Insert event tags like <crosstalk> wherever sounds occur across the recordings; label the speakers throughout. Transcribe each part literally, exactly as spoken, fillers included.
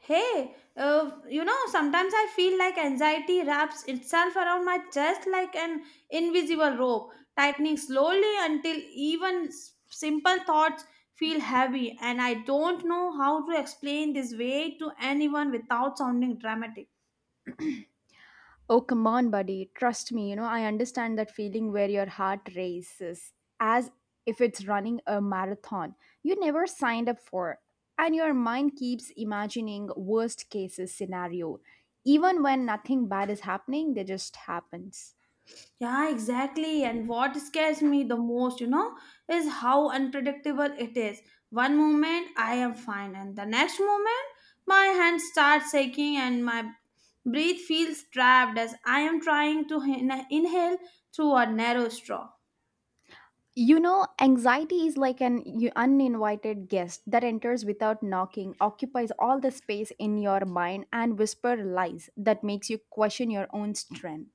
Speaker 1: Hey, uh, you know, sometimes I feel like anxiety wraps itself around my chest like an invisible rope, tightening slowly until even s- simple thoughts feel heavy, and I don't know how to explain this way to anyone without sounding dramatic.
Speaker 2: Oh, come on, buddy. Trust me, you know, I understand that feeling where your heart races as if it's running a marathon you never signed up for. And your mind keeps imagining worst cases scenario. Even when nothing bad is happening, they just happens.
Speaker 1: Yeah, exactly. And what scares me the most, you know, is how unpredictable it is. One moment I am fine, and the next moment my hand starts shaking and my breath feels trapped as I am trying to in- inhale through a narrow straw.
Speaker 2: You know, anxiety is like an u- uninvited guest that enters without knocking, occupies all the space in your mind and whisper lies that makes you question your own strength.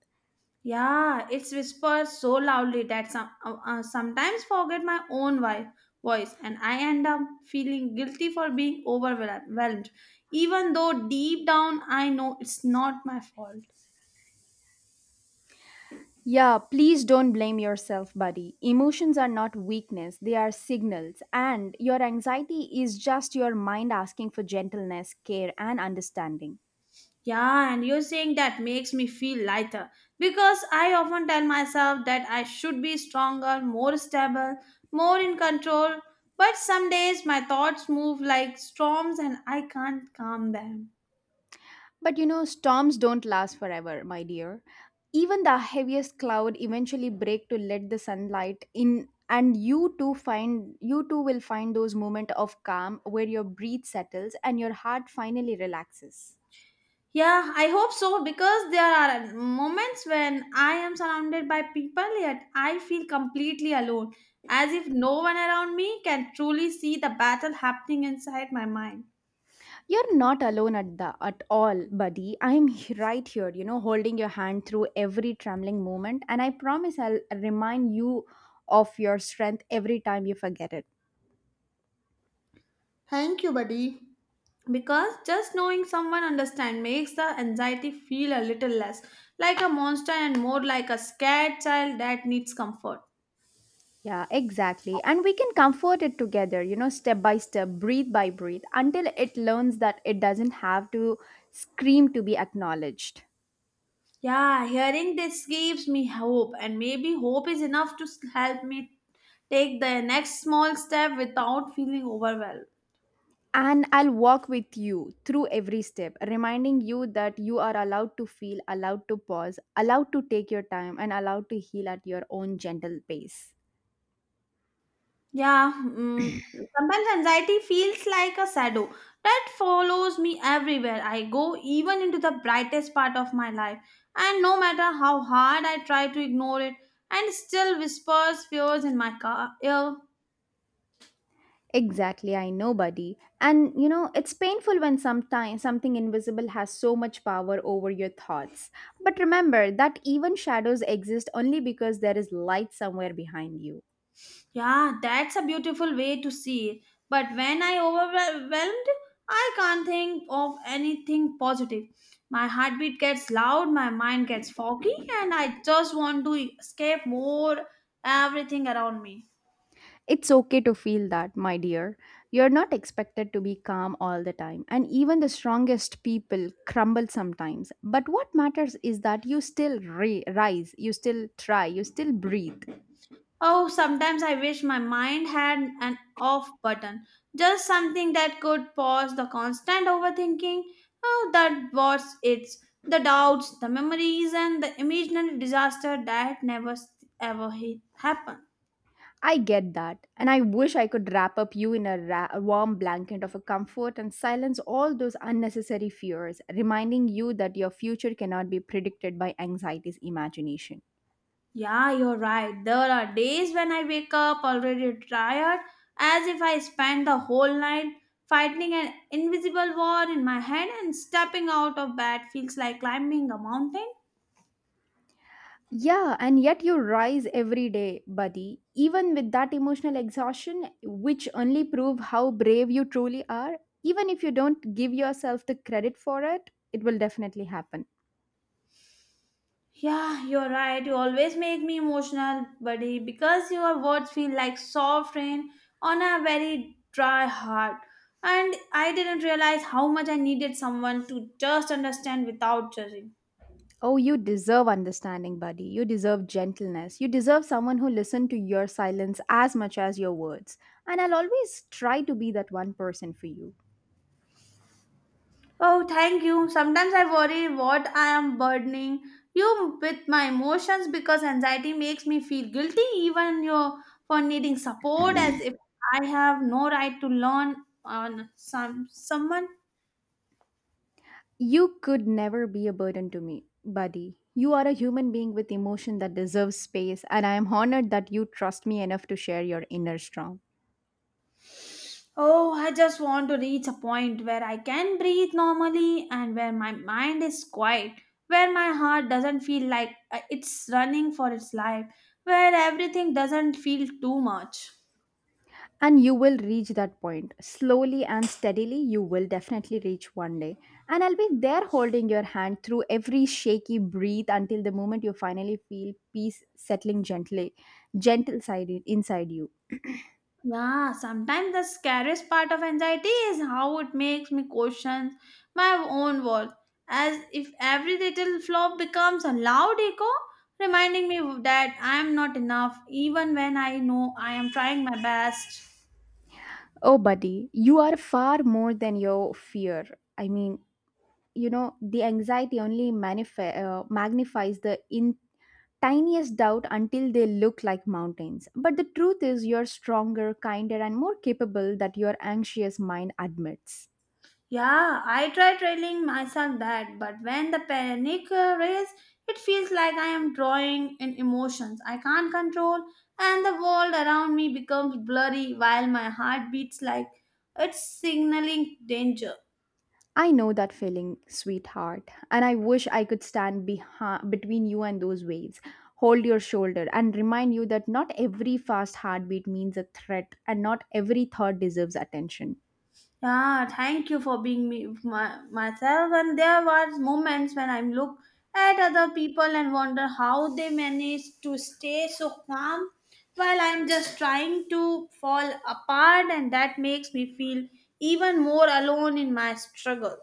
Speaker 1: Yeah, it whispers so loudly that some uh, uh, sometimes forget my own vi- voice, and I end up feeling guilty for being overwhelmed, even though deep down I know it's not my fault.
Speaker 2: Yeah, please don't blame yourself, buddy. Emotions are not weakness, they are signals. And your anxiety is just your mind asking for gentleness, care, and understanding.
Speaker 1: Yeah, and you saying that makes me feel lighter because I often tell myself that I should be stronger, more stable, more in control. But some days my thoughts move like storms and I can't calm them.
Speaker 2: But you know, storms don't last forever, my dear. Even the heaviest cloud eventually break to let the sunlight in and you too find you too will find those moments of calm where your breath settles and your heart finally relaxes.
Speaker 1: Yeah, I hope so because there are moments when I am surrounded by people yet I feel completely alone, as if no one around me can truly see the battle happening inside my mind.
Speaker 2: You're not alone at the at all, buddy. I'm h- right here, you know, holding your hand through every trembling moment, and I promise I'll remind you of your strength every time you forget it.
Speaker 1: Thank you, buddy, because just knowing someone understand makes the anxiety feel a little less like a monster and more like a scared child that needs comfort.
Speaker 2: Yeah, exactly. And we can comfort it together, you know, step by step, breathe by breathe, until it learns that it doesn't have to scream to be acknowledged.
Speaker 1: Yeah, hearing this gives me hope and maybe hope is enough to s- help me take the next small step without feeling overwhelmed.
Speaker 2: And I'll walk with you through every step, reminding you that you are allowed to feel, allowed to pause, allowed to take your time, and allowed to heal at your own gentle pace.
Speaker 1: Yeah, mm, sometimes anxiety feels like a shadow that follows me everywhere I go, even into the brightest part of my life. And no matter how hard I try to ignore it, and still whispers fears in my car ear.
Speaker 2: Exactly, I know, buddy. And you know, it's painful when sometimes something invisible has so much power over your thoughts. But remember that even shadows exist only because there is light somewhere behind you.
Speaker 1: Yeah, that's a beautiful way to see it. But when I overwhelmed, I can't think of anything positive. My heartbeat gets loud, my mind gets foggy, and I just want to escape more everything around me.
Speaker 2: It's okay to feel that, my dear. You're not expected to be calm all the time, and even the strongest people crumble sometimes. But what matters is that you still re- rise, you still try, you still breathe.
Speaker 1: Oh, sometimes I wish my mind had an off button, just something that could pause the constant overthinking. Oh, that was it's the doubts, the memories, and the imaginary disaster that never s- ever hit, happened.
Speaker 2: I get that, and I wish I could wrap up you in a, ra- a warm blanket of a comfort and silence all those unnecessary fears, reminding you that your future cannot be predicted by anxiety's imagination.
Speaker 1: Yeah, you're right. There are days when I wake up already tired, as if I spent the whole night fighting an invisible war in my head, and stepping out of bed feels like climbing a mountain.
Speaker 2: Yeah, and yet you rise every day, buddy, even with that emotional exhaustion, which only prove how brave you truly are. Even if you don't give yourself the credit for it, it will definitely happen.
Speaker 1: Yeah, you're right. You always make me emotional, buddy, because your words feel like soft rain on a very dry heart. And I didn't realize how much I needed someone to just understand without judging.
Speaker 2: Oh, you deserve understanding, buddy. You deserve gentleness. You deserve someone who listens to your silence as much as your words. And I'll always try to be that one person for you.
Speaker 1: Oh, thank you. Sometimes I worry what I am burdening you with my emotions because anxiety makes me feel guilty even you for needing support as if I have no right to learn on some someone.
Speaker 2: You could never be a burden to me, buddy. You are a human being with emotion that deserves space, and I am honored that you trust me enough to share your inner storm.
Speaker 1: Oh, I just want to reach a point where I can breathe normally and where my mind is quiet, where my heart doesn't feel like uh, it's running for its life, where everything doesn't feel too much.
Speaker 2: And you will reach that point. Slowly and steadily, you will definitely reach one day. And I'll be there holding your hand through every shaky breath until the moment you finally feel peace settling gently, gentle side inside you.
Speaker 1: Yeah, sometimes the scariest part of anxiety is how it makes me question my own worth, as if every little flaw becomes a loud echo, reminding me that I am not enough, even when I know I am trying my best.
Speaker 2: Oh, buddy, you are far more than your fear. I mean, you know the anxiety only magnify, uh, magnifies the in tiniest doubt until they look like mountains but the truth is you're stronger kinder and more capable that your anxious mind admits.
Speaker 1: Yeah, I try telling myself that, but when the panic uh, race, it feels like I am drawing in emotions I can't control, and the world around me becomes blurry while my heart beats like it's signaling danger.
Speaker 2: I know that feeling sweetheart and I wish I could stand behind, between you and those waves, hold your shoulder and remind you that not every fast heartbeat means a threat and not every thought deserves attention.
Speaker 1: Yeah, thank you for being me my, myself. And there was moments when I look at other people and wonder how they manage to stay so calm while I'm just trying to fall apart, and that makes me feel even more alone in my struggle.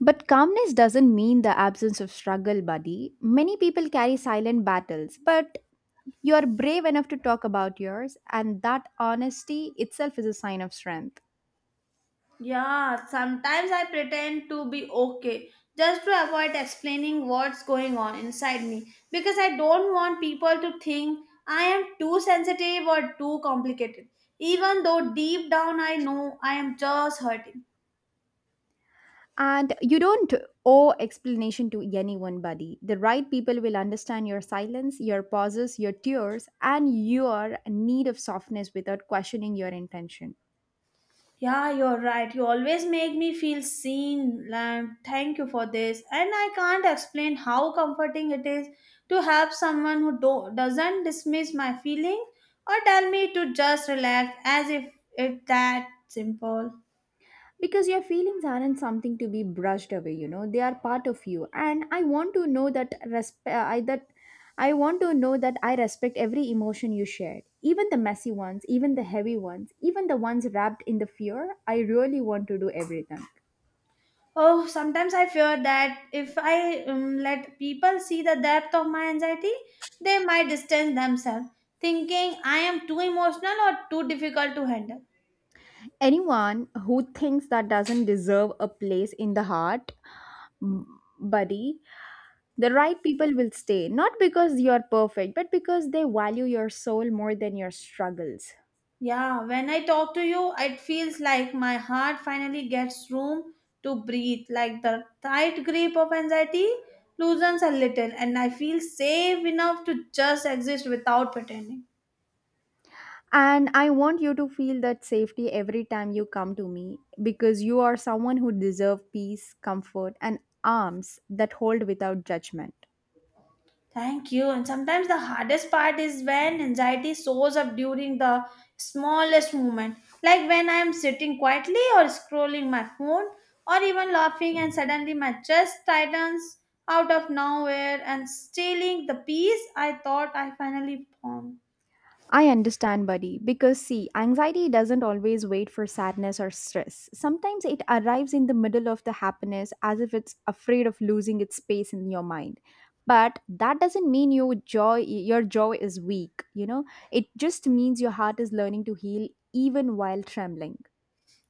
Speaker 2: But calmness doesn't mean the absence of struggle, buddy. Many people carry silent battles, but you are brave enough to talk about yours, and that honesty itself is a sign of strength.
Speaker 1: Yeah, sometimes I pretend to be okay just to avoid explaining what's going on inside me because I don't want people to think I am too sensitive or too complicated, even though deep down I know I am just hurting.
Speaker 2: And you don't owe explanation to anyone, buddy. The right people will understand your silence, your pauses, your tears, and your need of softness without questioning your intention.
Speaker 1: Yeah, you're right. You always make me feel seen. Lam. Thank you for this. And I can't explain how comforting it is to have someone who do- doesn't dismiss my feelings or tell me to just relax as if it's that simple.
Speaker 2: Because your feelings aren't something to be brushed away, you know, they are part of you and I want to know that resp- uh, I that I want to know that I respect every emotion you shared, even the messy ones, even the heavy ones, even the ones wrapped in the fear. I really want to do everything.
Speaker 1: Oh, sometimes I fear that if I um, let people see the depth of my anxiety, they might distance themselves, thinking I am too emotional or too difficult to handle.
Speaker 2: Anyone who thinks that doesn't deserve a place in the heart, mm, buddy. The right people will stay not because you're perfect but because they value your soul more than your struggles.
Speaker 1: Yeah, when I talk to you, it feels like my heart finally gets room to breathe. Like the tight grip of anxiety loosens a little, and I feel safe enough to just exist without pretending.
Speaker 2: And I want you to feel that safety every time you come to me because you are someone who deserves peace, comfort, and arms that hold without judgment.
Speaker 1: Thank you. And sometimes the hardest part is when anxiety shows up during the smallest moment, like when I am sitting quietly or scrolling my phone or even laughing, and suddenly my chest tightens out of nowhere and stealing the peace I thought I finally found.
Speaker 2: I understand, buddy, because see, anxiety doesn't always wait for sadness or stress. Sometimes it arrives in the middle of the happiness as if it's afraid of losing its space in your mind. But that doesn't mean your joy your joy is weak, you know? It just means your heart is learning to heal even while trembling.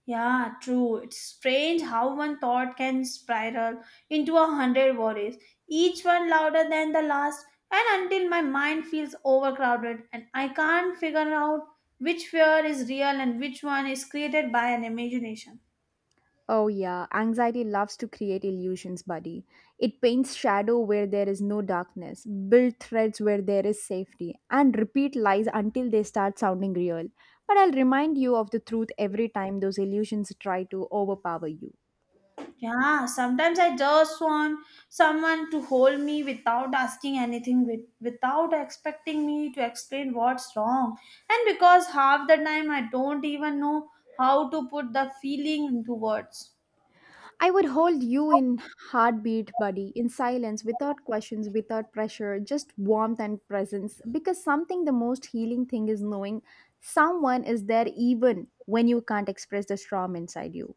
Speaker 1: Yeah, true. It's strange how one thought can spiral into a hundred worries, each one louder than the last, and until my mind feels overcrowded and I can't figure out which fear is real and which one is created by an imagination.
Speaker 2: Oh, yeah, anxiety loves to create illusions, buddy. It paints shadow where there is no darkness, build threads where there is safety, and repeat lies until they start sounding real. But I'll remind you of the truth every time those illusions try to overpower you.
Speaker 1: Yeah, sometimes I just want someone to hold me without asking anything, with, without expecting me to explain what's wrong. And because half the time I don't even know how to put the feeling into words.
Speaker 2: I would hold you in heartbeat, buddy, in silence, without questions, without pressure, just warmth and presence. Because something the most healing thing is knowing someone is there even when you can't express the storm inside you.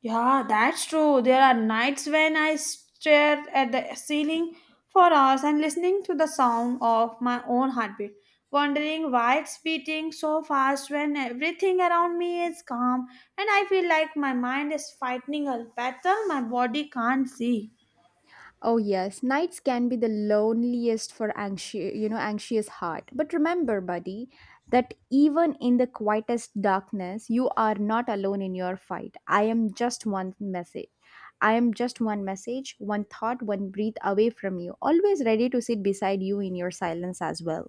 Speaker 1: Yeah, that's true. There are nights when I stare at the ceiling for hours and listening to the sound of my own heartbeat, wondering why it's beating so fast when everything around me is calm and I feel like my mind is fighting a battle my body can't see.
Speaker 2: Oh yes, nights can be the loneliest for anxious, you know, anxious heart. But remember, buddy, that even in the quietest darkness, you are not alone in your fight. I am just one message. I am just one message, one thought, one breath away from you, always ready to sit beside you in your silence as well.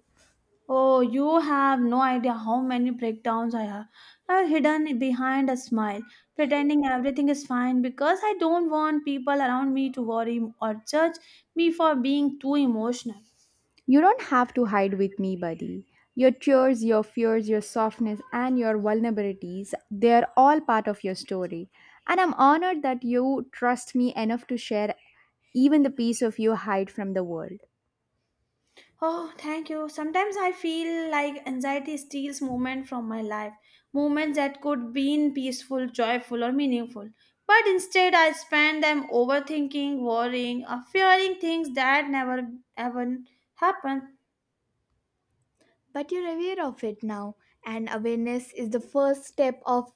Speaker 1: Oh, you have no idea how many breakdowns I have are hidden behind a smile, pretending everything is fine because I don't want people around me to worry or judge me for being too emotional.
Speaker 2: You don't have to hide with me, buddy. Your tears, your fears, your softness, and your vulnerabilities, they're all part of your story. And I'm honored that you trust me enough to share even the piece of you hide from the world.
Speaker 1: Oh, thank you. Sometimes I feel like anxiety steals moments from my life, moments that could been peaceful, joyful, or meaningful. But instead, I spend them overthinking, worrying, or fearing things that never ever happen.
Speaker 2: But you're aware of it now and awareness is the first step of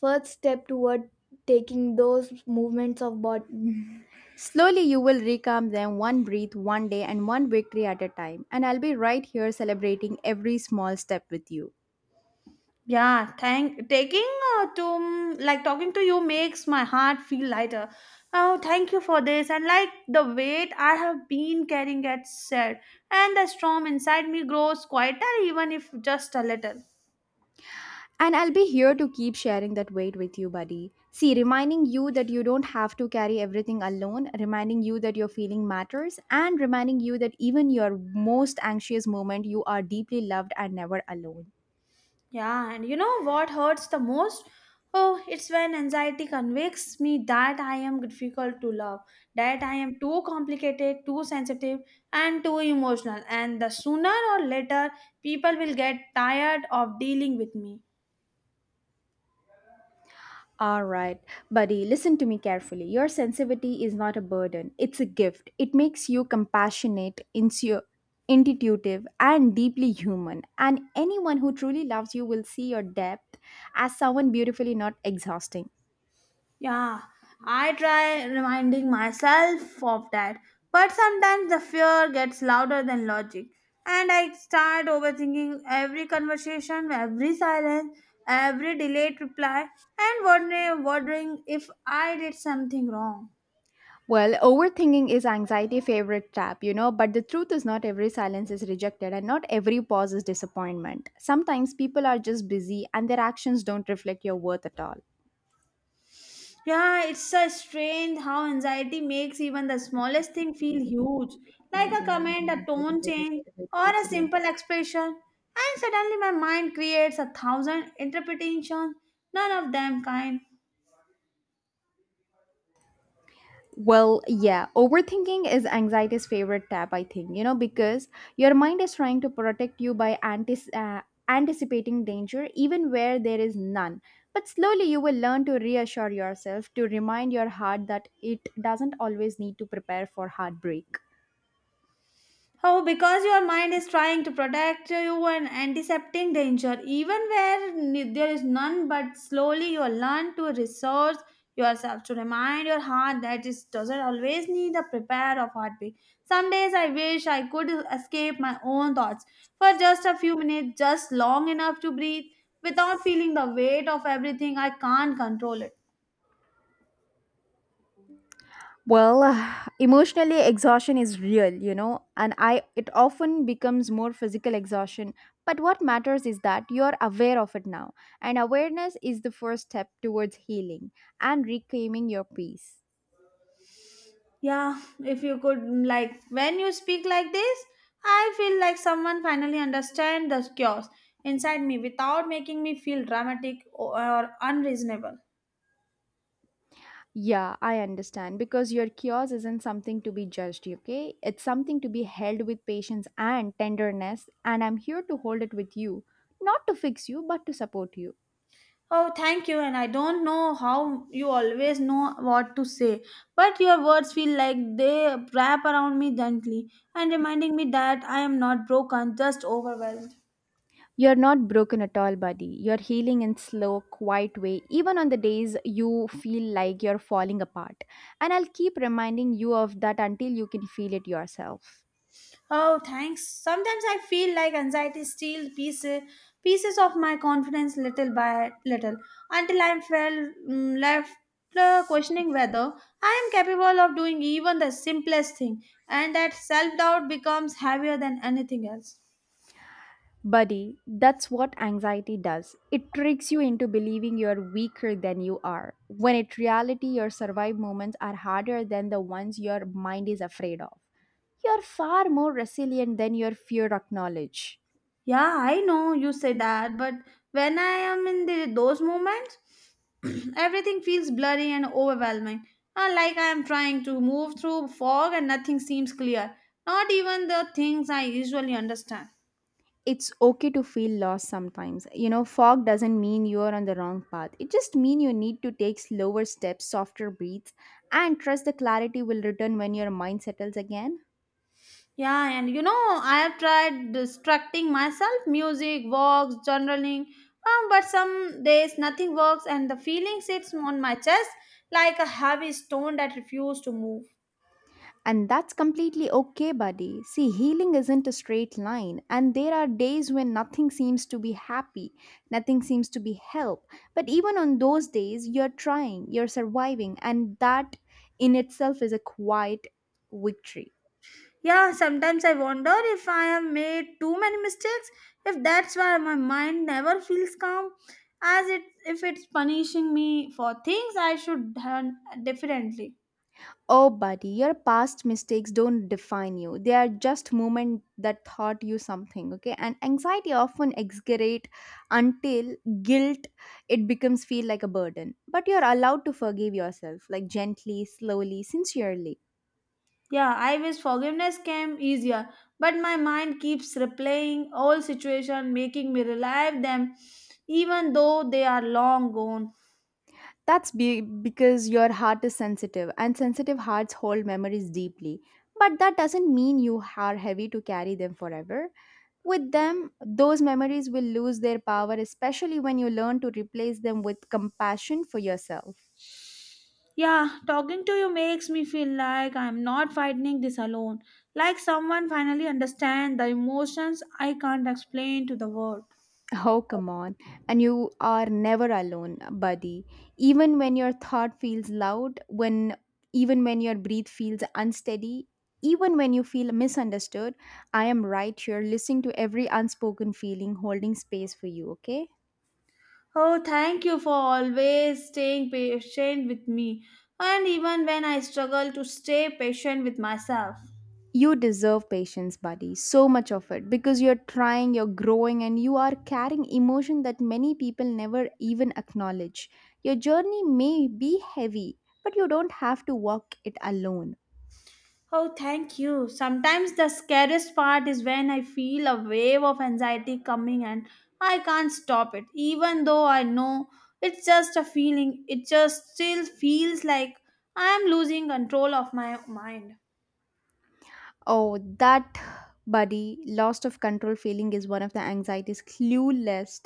Speaker 2: first step toward taking those movements of body. Slowly, you will reclaim them one breath, one day, and one victory at a time. And I'll be right here celebrating every small step with you.
Speaker 1: Yeah, thank taking uh, to mm, like talking to you makes my heart feel lighter. Oh, thank you for this. And like the weight I have been carrying gets said, and the storm inside me grows quieter, even if just a little.
Speaker 2: And I'll be here to keep sharing that weight with you, buddy. See, reminding you that you don't have to carry everything alone, reminding you that your feeling matters, and reminding you that even your most anxious moment, you are deeply loved and never alone.
Speaker 1: Yeah, and you know what hurts the most? Oh, it's when anxiety convicts me that I am difficult to love, that I am too complicated, too sensitive, and too emotional. And the sooner or later, people will get tired of dealing with me.
Speaker 2: All right, buddy, listen to me carefully. Your sensitivity is not a burden, it's a gift. It makes you compassionate, insu- intuitive, and deeply human. And anyone who truly loves you will see your depth as someone beautifully not exhausting.
Speaker 1: Yeah, I try reminding myself of that, but sometimes the fear gets louder than logic, and I start overthinking every conversation, every silence, every delayed reply, and wondering, wondering if I did something wrong.
Speaker 2: Well, overthinking is anxiety favorite trap, you know, but the truth is not every silence is rejected and not every pause is disappointment. Sometimes people are just busy and their actions don't reflect your worth at all.
Speaker 1: Yeah, it's so strange how anxiety makes even the smallest thing feel huge, like a comment, a tone change, or a simple expression. And suddenly my mind creates a thousand interpretations, none of them kind.
Speaker 2: Well, yeah, overthinking is anxiety's favorite tab, I think, you know, because your mind is trying to protect you by antis- uh, anticipating danger even where there is none. But slowly you will learn to reassure yourself, to remind your heart that it doesn't always need to prepare for heartbreak.
Speaker 1: Oh, because your mind is trying to protect you and antiseptic danger, even where n- there is none, but slowly you learn to resource yourself to remind your heart that it doesn't always need a prepare of heartbeat. Some days I wish I could escape my own thoughts for just a few minutes, just long enough to breathe without feeling the weight of everything I can't control it.
Speaker 2: Well, <sighs> emotionally exhaustion is real, you know, and I it often becomes more physical exhaustion. But what matters is that you're aware of it now, and awareness is the first step towards healing and reclaiming your peace.
Speaker 1: Yeah, if you could like when you speak like this, I feel like someone finally understand the chaos inside me without making me feel dramatic or unreasonable.
Speaker 2: Yeah, I understand because your chaos isn't something to be judged, okay? It's something to be held with patience and tenderness, and I'm here to hold it with you, not to fix you, but to support you.
Speaker 1: Oh, thank you and I don't know how you always know what to say, but your words feel like they wrap around me gently and reminding me that I am not broken, just overwhelmed.
Speaker 2: You're not broken at all, buddy. You're healing in slow, quiet way, even on the days you feel like you're falling apart. And I'll keep reminding you of that until you can feel it yourself.
Speaker 1: Oh, thanks. Sometimes I feel like anxiety steals pieces pieces of my confidence little by little until I'm felt mm, left uh, questioning whether I am capable of doing even the simplest thing, and that self doubt becomes heavier than anything else.
Speaker 2: Buddy, that's what anxiety does. It tricks you into believing you're weaker than you are, when in reality, your survive moments are harder than the ones your mind is afraid of. You're far more resilient than your fear acknowledge.
Speaker 1: Yeah, I know you say that, but when I am in the, those moments, <clears throat> everything feels blurry and overwhelming. Uh, like I am trying to move through fog and nothing seems clear. Not even the things I usually understand.
Speaker 2: It's okay to feel lost sometimes. You know, fog doesn't mean you're on the wrong path. It just means you need to take slower steps, softer breaths, and trust the clarity will return when your mind settles again.
Speaker 1: Yeah, and you know, I have tried distracting myself music, walks, journaling, um, but some days nothing works and the feeling sits on my chest like a heavy stone that refuses to move.
Speaker 2: And that's completely okay, buddy. See, healing isn't a straight line, and there are days when nothing seems to be happy, nothing seems to be help. But even on those days, you're trying, you're surviving, and that in itself is a quiet victory.
Speaker 1: Yeah, sometimes I wonder if I have made too many mistakes, if that's why my mind never feels calm, as it if it's punishing me for things I should done differently.
Speaker 2: Oh, buddy, your past mistakes don't define you. They are just moments that taught you something, okay? And anxiety often exaggerate until guilt it becomes feel like a burden. But you're allowed to forgive yourself, like gently, slowly, sincerely.
Speaker 1: Yeah, I wish forgiveness came easier, but my mind keeps replaying old situation, making me relive them, even though they are long gone.
Speaker 2: That's be- because your heart is sensitive, and sensitive hearts hold memories deeply. But that doesn't mean you are heavy to carry them forever. With them, those memories will lose their power, especially when you learn to replace them with compassion for yourself.
Speaker 1: Yeah, talking to you makes me feel like I'm not fighting this alone. Like someone finally understands the emotions I can't explain to the world.
Speaker 2: Oh, come on. And you are never alone, buddy. Even when your thought feels loud, when even when your breath feels unsteady, even when you feel misunderstood, I am right here listening to every unspoken feeling, holding space for you, okay?
Speaker 1: Oh, thank you for always staying patient with me, and even when I struggle to stay patient with myself.
Speaker 2: You deserve patience, buddy. So much of it because you're trying, you're growing, and you are carrying emotion that many people never even acknowledge. Your journey may be heavy, but you don't have to walk it alone.
Speaker 1: Oh, thank you. Sometimes the scariest part is when I feel a wave of anxiety coming and I can't stop it. Even though I know it's just a feeling, it just still feels like I'm losing control of my mind.
Speaker 2: Oh, that Buddy, loss of control feeling is one of the anxiety's clueless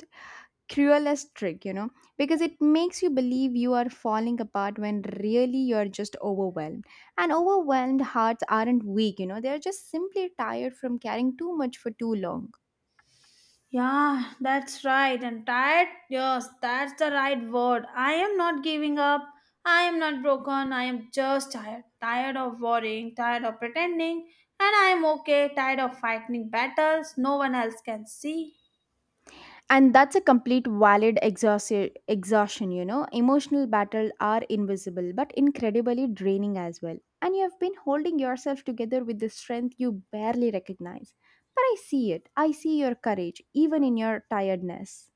Speaker 2: cruelest trick, you know, because it makes you believe you are falling apart when really you're just overwhelmed. And overwhelmed hearts aren't weak, you know, they're just simply tired from carrying too much for too long.
Speaker 1: Yeah, that's right. And tired? Yes, that's the right word. I am not giving up. I am not broken. I am just tired. Tired of worrying, tired of pretending, and I am okay. Tired of fighting battles no one else can see.
Speaker 2: And that's a complete valid exhaustion, exhaustion, you know. Emotional battles are invisible but incredibly draining as well. And you have been holding yourself together with the strength you barely recognize. But I see it. I see your courage, even in your tiredness.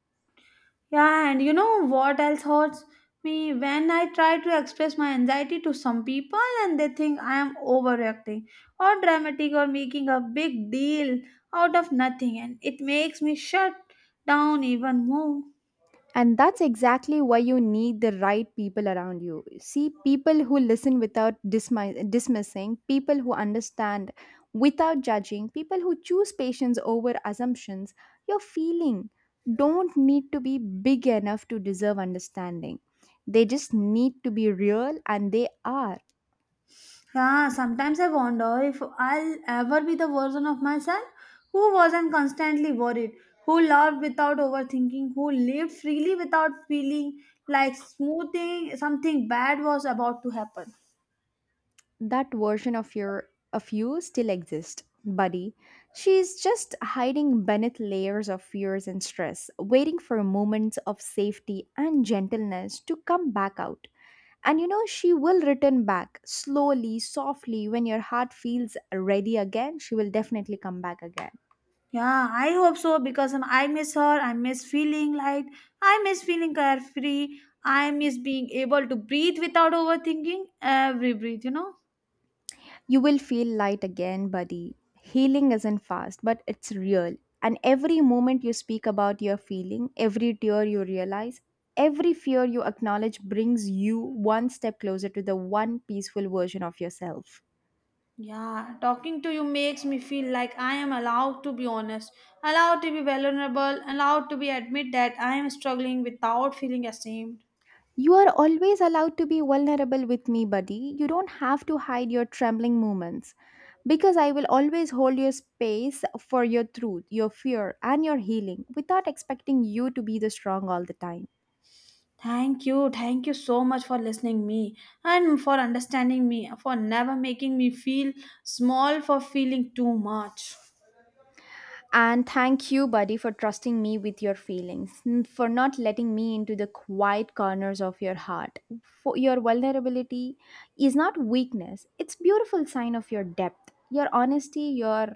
Speaker 1: Yeah, and you know what else hurts me? When I try to express my anxiety to some people and they think I am overreacting or dramatic or making a big deal out of nothing, and it makes me shut down even more.
Speaker 2: And that's exactly why you need the right people around you. See, people who listen without dismi- dismissing, people who understand without judging, people who choose patience over assumptions. Your feeling don't need to be big enough to deserve understanding. They just need to be real, and they are.
Speaker 1: Yeah, sometimes I wonder if I'll ever be the version of myself who wasn't constantly worried, who loved without overthinking, who lived freely without feeling like smoothing something bad was about to happen.
Speaker 2: That version of your of you still exists, buddy. She's just hiding beneath layers of fears and stress, waiting for moments of safety and gentleness to come back out. And you know, she will return back slowly, softly. When your heart feels ready again, she will definitely come back again.
Speaker 1: Yeah, I hope so because um, I miss her. I miss feeling light. I miss feeling carefree. I miss being able to breathe without overthinking every breath, you know?
Speaker 2: You will feel light again, buddy. Healing isn't fast, but it's real. And every moment you speak about your feeling, every tear you realize, every fear you acknowledge brings you one step closer to the one peaceful version of yourself.
Speaker 1: Yeah, talking to you makes me feel like I am allowed to be honest, allowed to be vulnerable, allowed to be admit that I am struggling without feeling ashamed.
Speaker 2: You are always allowed to be vulnerable with me, buddy. You don't have to hide your trembling moments because I will always hold your space for your truth, your fear, and your healing without expecting you to be the strong all the time.
Speaker 1: Thank you, thank you so much for listening me and for understanding me, for never making me feel small for feeling too much.
Speaker 2: And thank you, buddy, for trusting me with your feelings, n- for not letting me into the quiet corners of your heart. For your vulnerability is not weakness, it's beautiful sign of your depth, your honesty, your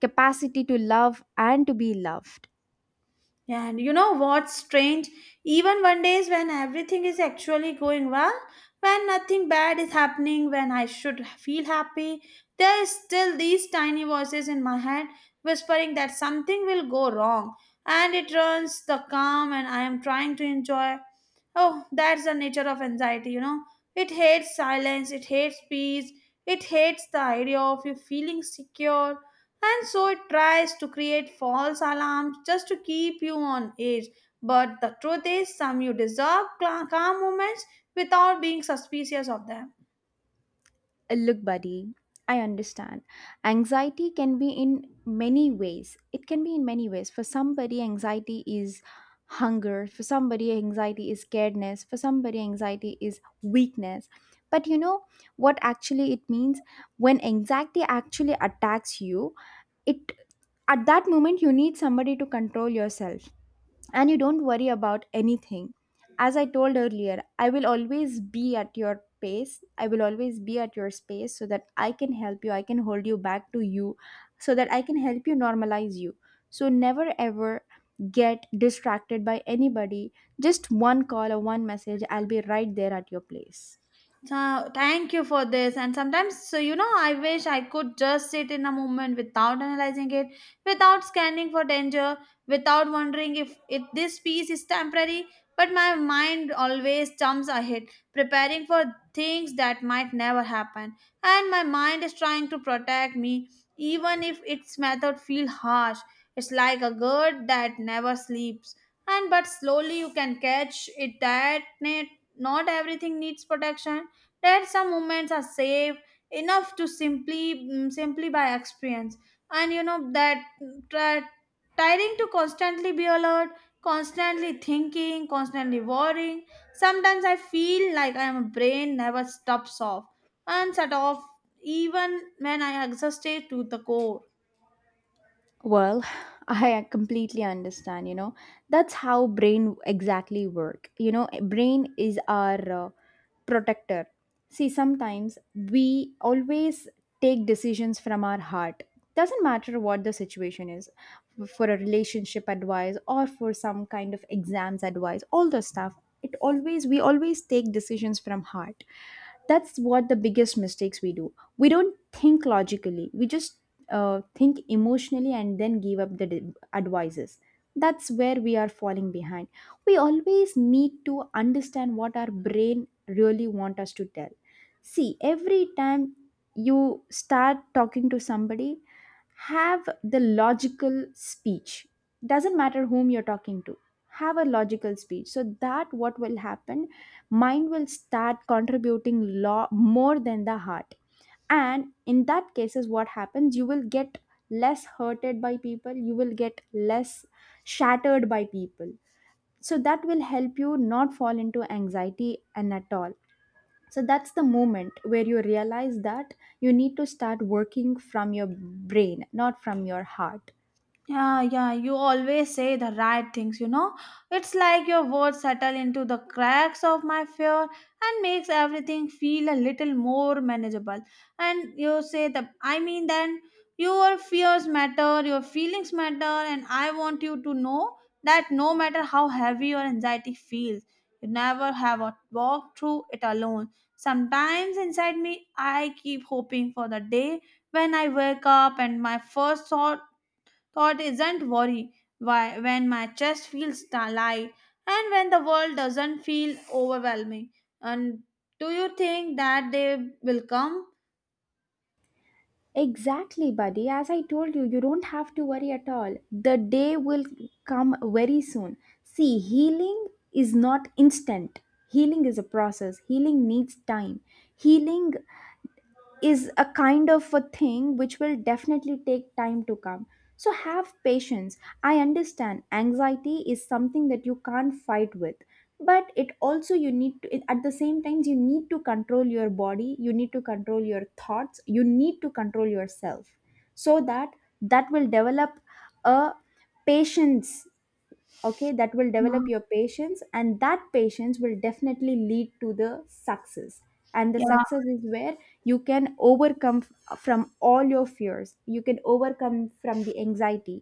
Speaker 2: capacity to love and to be loved.
Speaker 1: Yeah, and you know what's strange? Even one days when everything is actually going well, when nothing bad is happening, when I should feel happy, there is still these tiny voices in my head whispering that something will go wrong, and it ruins the calm and I am trying to enjoy. Oh, that's the nature of anxiety, you know. It hates silence, it hates peace, it hates the idea of you feeling secure and so it tries to create false alarms just to keep you on edge. But the truth is, some you deserve cla- calm moments without being suspicious of them.
Speaker 2: Uh, Look, buddy, I understand. Anxiety can be in many ways. It can be in many ways. For somebody, anxiety is hunger. For somebody, anxiety is scaredness. For somebody, anxiety is weakness. But you know what actually it means? When anxiety actually attacks you, it at that moment you need somebody to control yourself and you don't worry about anything. As I told earlier, I will always be at your pace. I will always be at your space so that I can help you. I can hold you back to you so that I can help you normalize you. So never ever get distracted by anybody. Just one call or one message, I'll be right there at your place.
Speaker 1: So, thank you for this. And sometimes, so, you know, I wish I could just sit in a moment without analyzing it, without scanning for danger, without wondering if, if this piece is temporary. But my mind always jumps ahead, preparing for things that might never happen. And my mind is trying to protect me, even if its method feel harsh. It's like a bird that never sleeps. And but slowly you can catch it that net not everything needs protection that some moments are safe enough to simply mm, simply by experience and you know that mm, try, tiring to constantly be alert constantly thinking constantly worrying sometimes I feel like I am a brain never stops off and shut off even when I exhausted to the core.
Speaker 2: Well, <laughs> I completely understand, you know. That's how brain exactly work. You know, eh, brain is our uh, protector. See, sometimes we always take decisions from our heart. Doesn't matter what the situation is, for a relationship advice or for some kind of exams advice, all the stuff. It always We always take decisions from heart. That's what the biggest mistakes we do. We don't think logically, we just uh, think emotionally and then give up the d- advices. That's where we are falling behind. We always need to understand what our brain really want us to tell. See, every time you start talking to somebody, have the logical speech. Doesn't matter whom you're talking to, have a logical speech, so that what will happen, mind will start contributing lo- more than the heart. And in that cases what happens, you will get less hurted by people, you will get less shattered by people. So that will help you not fall into anxiety and at all. So that's the moment where you realize that you need to start working from your brain, not from your heart.
Speaker 1: Yeah, yeah, you always say the right things, you know. It's like your words settle into the cracks of my fear and makes everything feel a little more manageable. And you say the I mean then your fears matter, your feelings matter, and I want you to know that no matter how heavy your anxiety feels, you never have a walk through it alone. Sometimes inside me I keep hoping for the day when I wake up and my first thought Thought isn't worry why, when my chest feels ta- light and when the world doesn't feel overwhelming. And do you think that they will come?
Speaker 2: Exactly, buddy. As I told you, you don't have to worry at all. The day will come very soon. See, healing is not instant. Healing is a process. Healing needs time. Healing is a kind of a thing which will definitely take time to come. So have patience. I understand anxiety is something that you can't fight with, but it also you need to it- at the same time you need to control your body, you need to control your thoughts, you need to control yourself so that that will develop a patience. Okay, that will develop your patience, and that patience will definitely lead to the success. And the
Speaker 1: Yeah.
Speaker 2: success is where you can overcome f- from all your fears, you can overcome from the anxiety.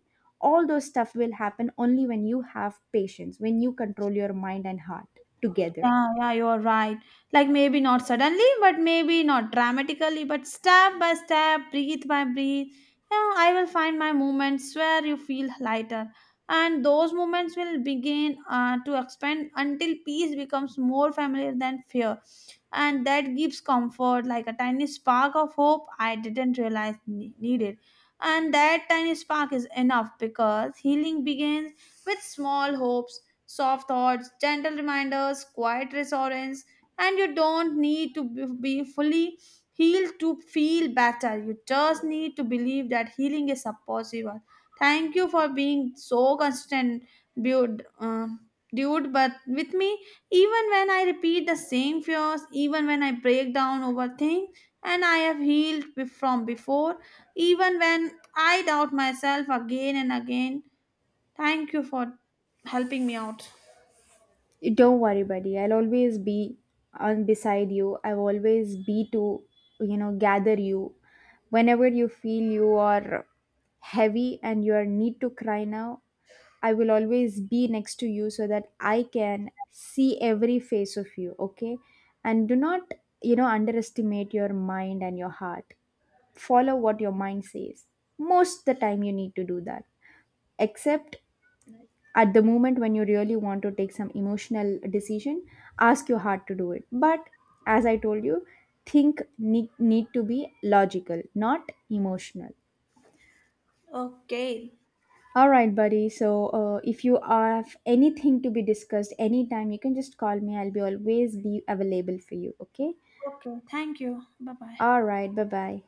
Speaker 2: All those stuff will happen only when you have patience, when you control your mind and heart together.
Speaker 1: Yeah, yeah, you're right. Like maybe not suddenly, but maybe not dramatically, but step by step, breathe by breathe. Yeah, I will find my moments where you feel lighter, and those moments will begin uh, to expand until peace becomes more familiar than fear, and that gives comfort, like a tiny spark of hope I didn't realize ne- needed. And that tiny spark is enough because healing begins with small hopes soft thoughts, gentle reminders, quiet reassurance, and you don't need to be be fully healed to feel better. You just need to believe that healing is possible. Thank you for being so consistent, dude. Uh, dude, but with me, even when I repeat the same fears, even when I break down over things, and I have healed be- from before, even when I doubt myself again and again. Thank you for helping me out.
Speaker 2: Don't worry, buddy. I'll always be on beside you. I'll always be to, you know, gather you. Whenever you feel you are heavy and you are need to cry now, I will always be next to you so that I can see every face of you, okay? And do not, you know, underestimate your mind and your heart. Follow what your mind says. Most the time you need to do that. Except at the moment when you really want to take some emotional decision, ask your heart to do it. But as I told you, think need, need to be logical, not emotional.
Speaker 1: Okay.
Speaker 2: All right, buddy. So uh, if you have anything to be discussed anytime, you can just call me. I'll be always be available for you, okay?
Speaker 1: Okay. Thank you. Bye bye.
Speaker 2: All right, bye bye.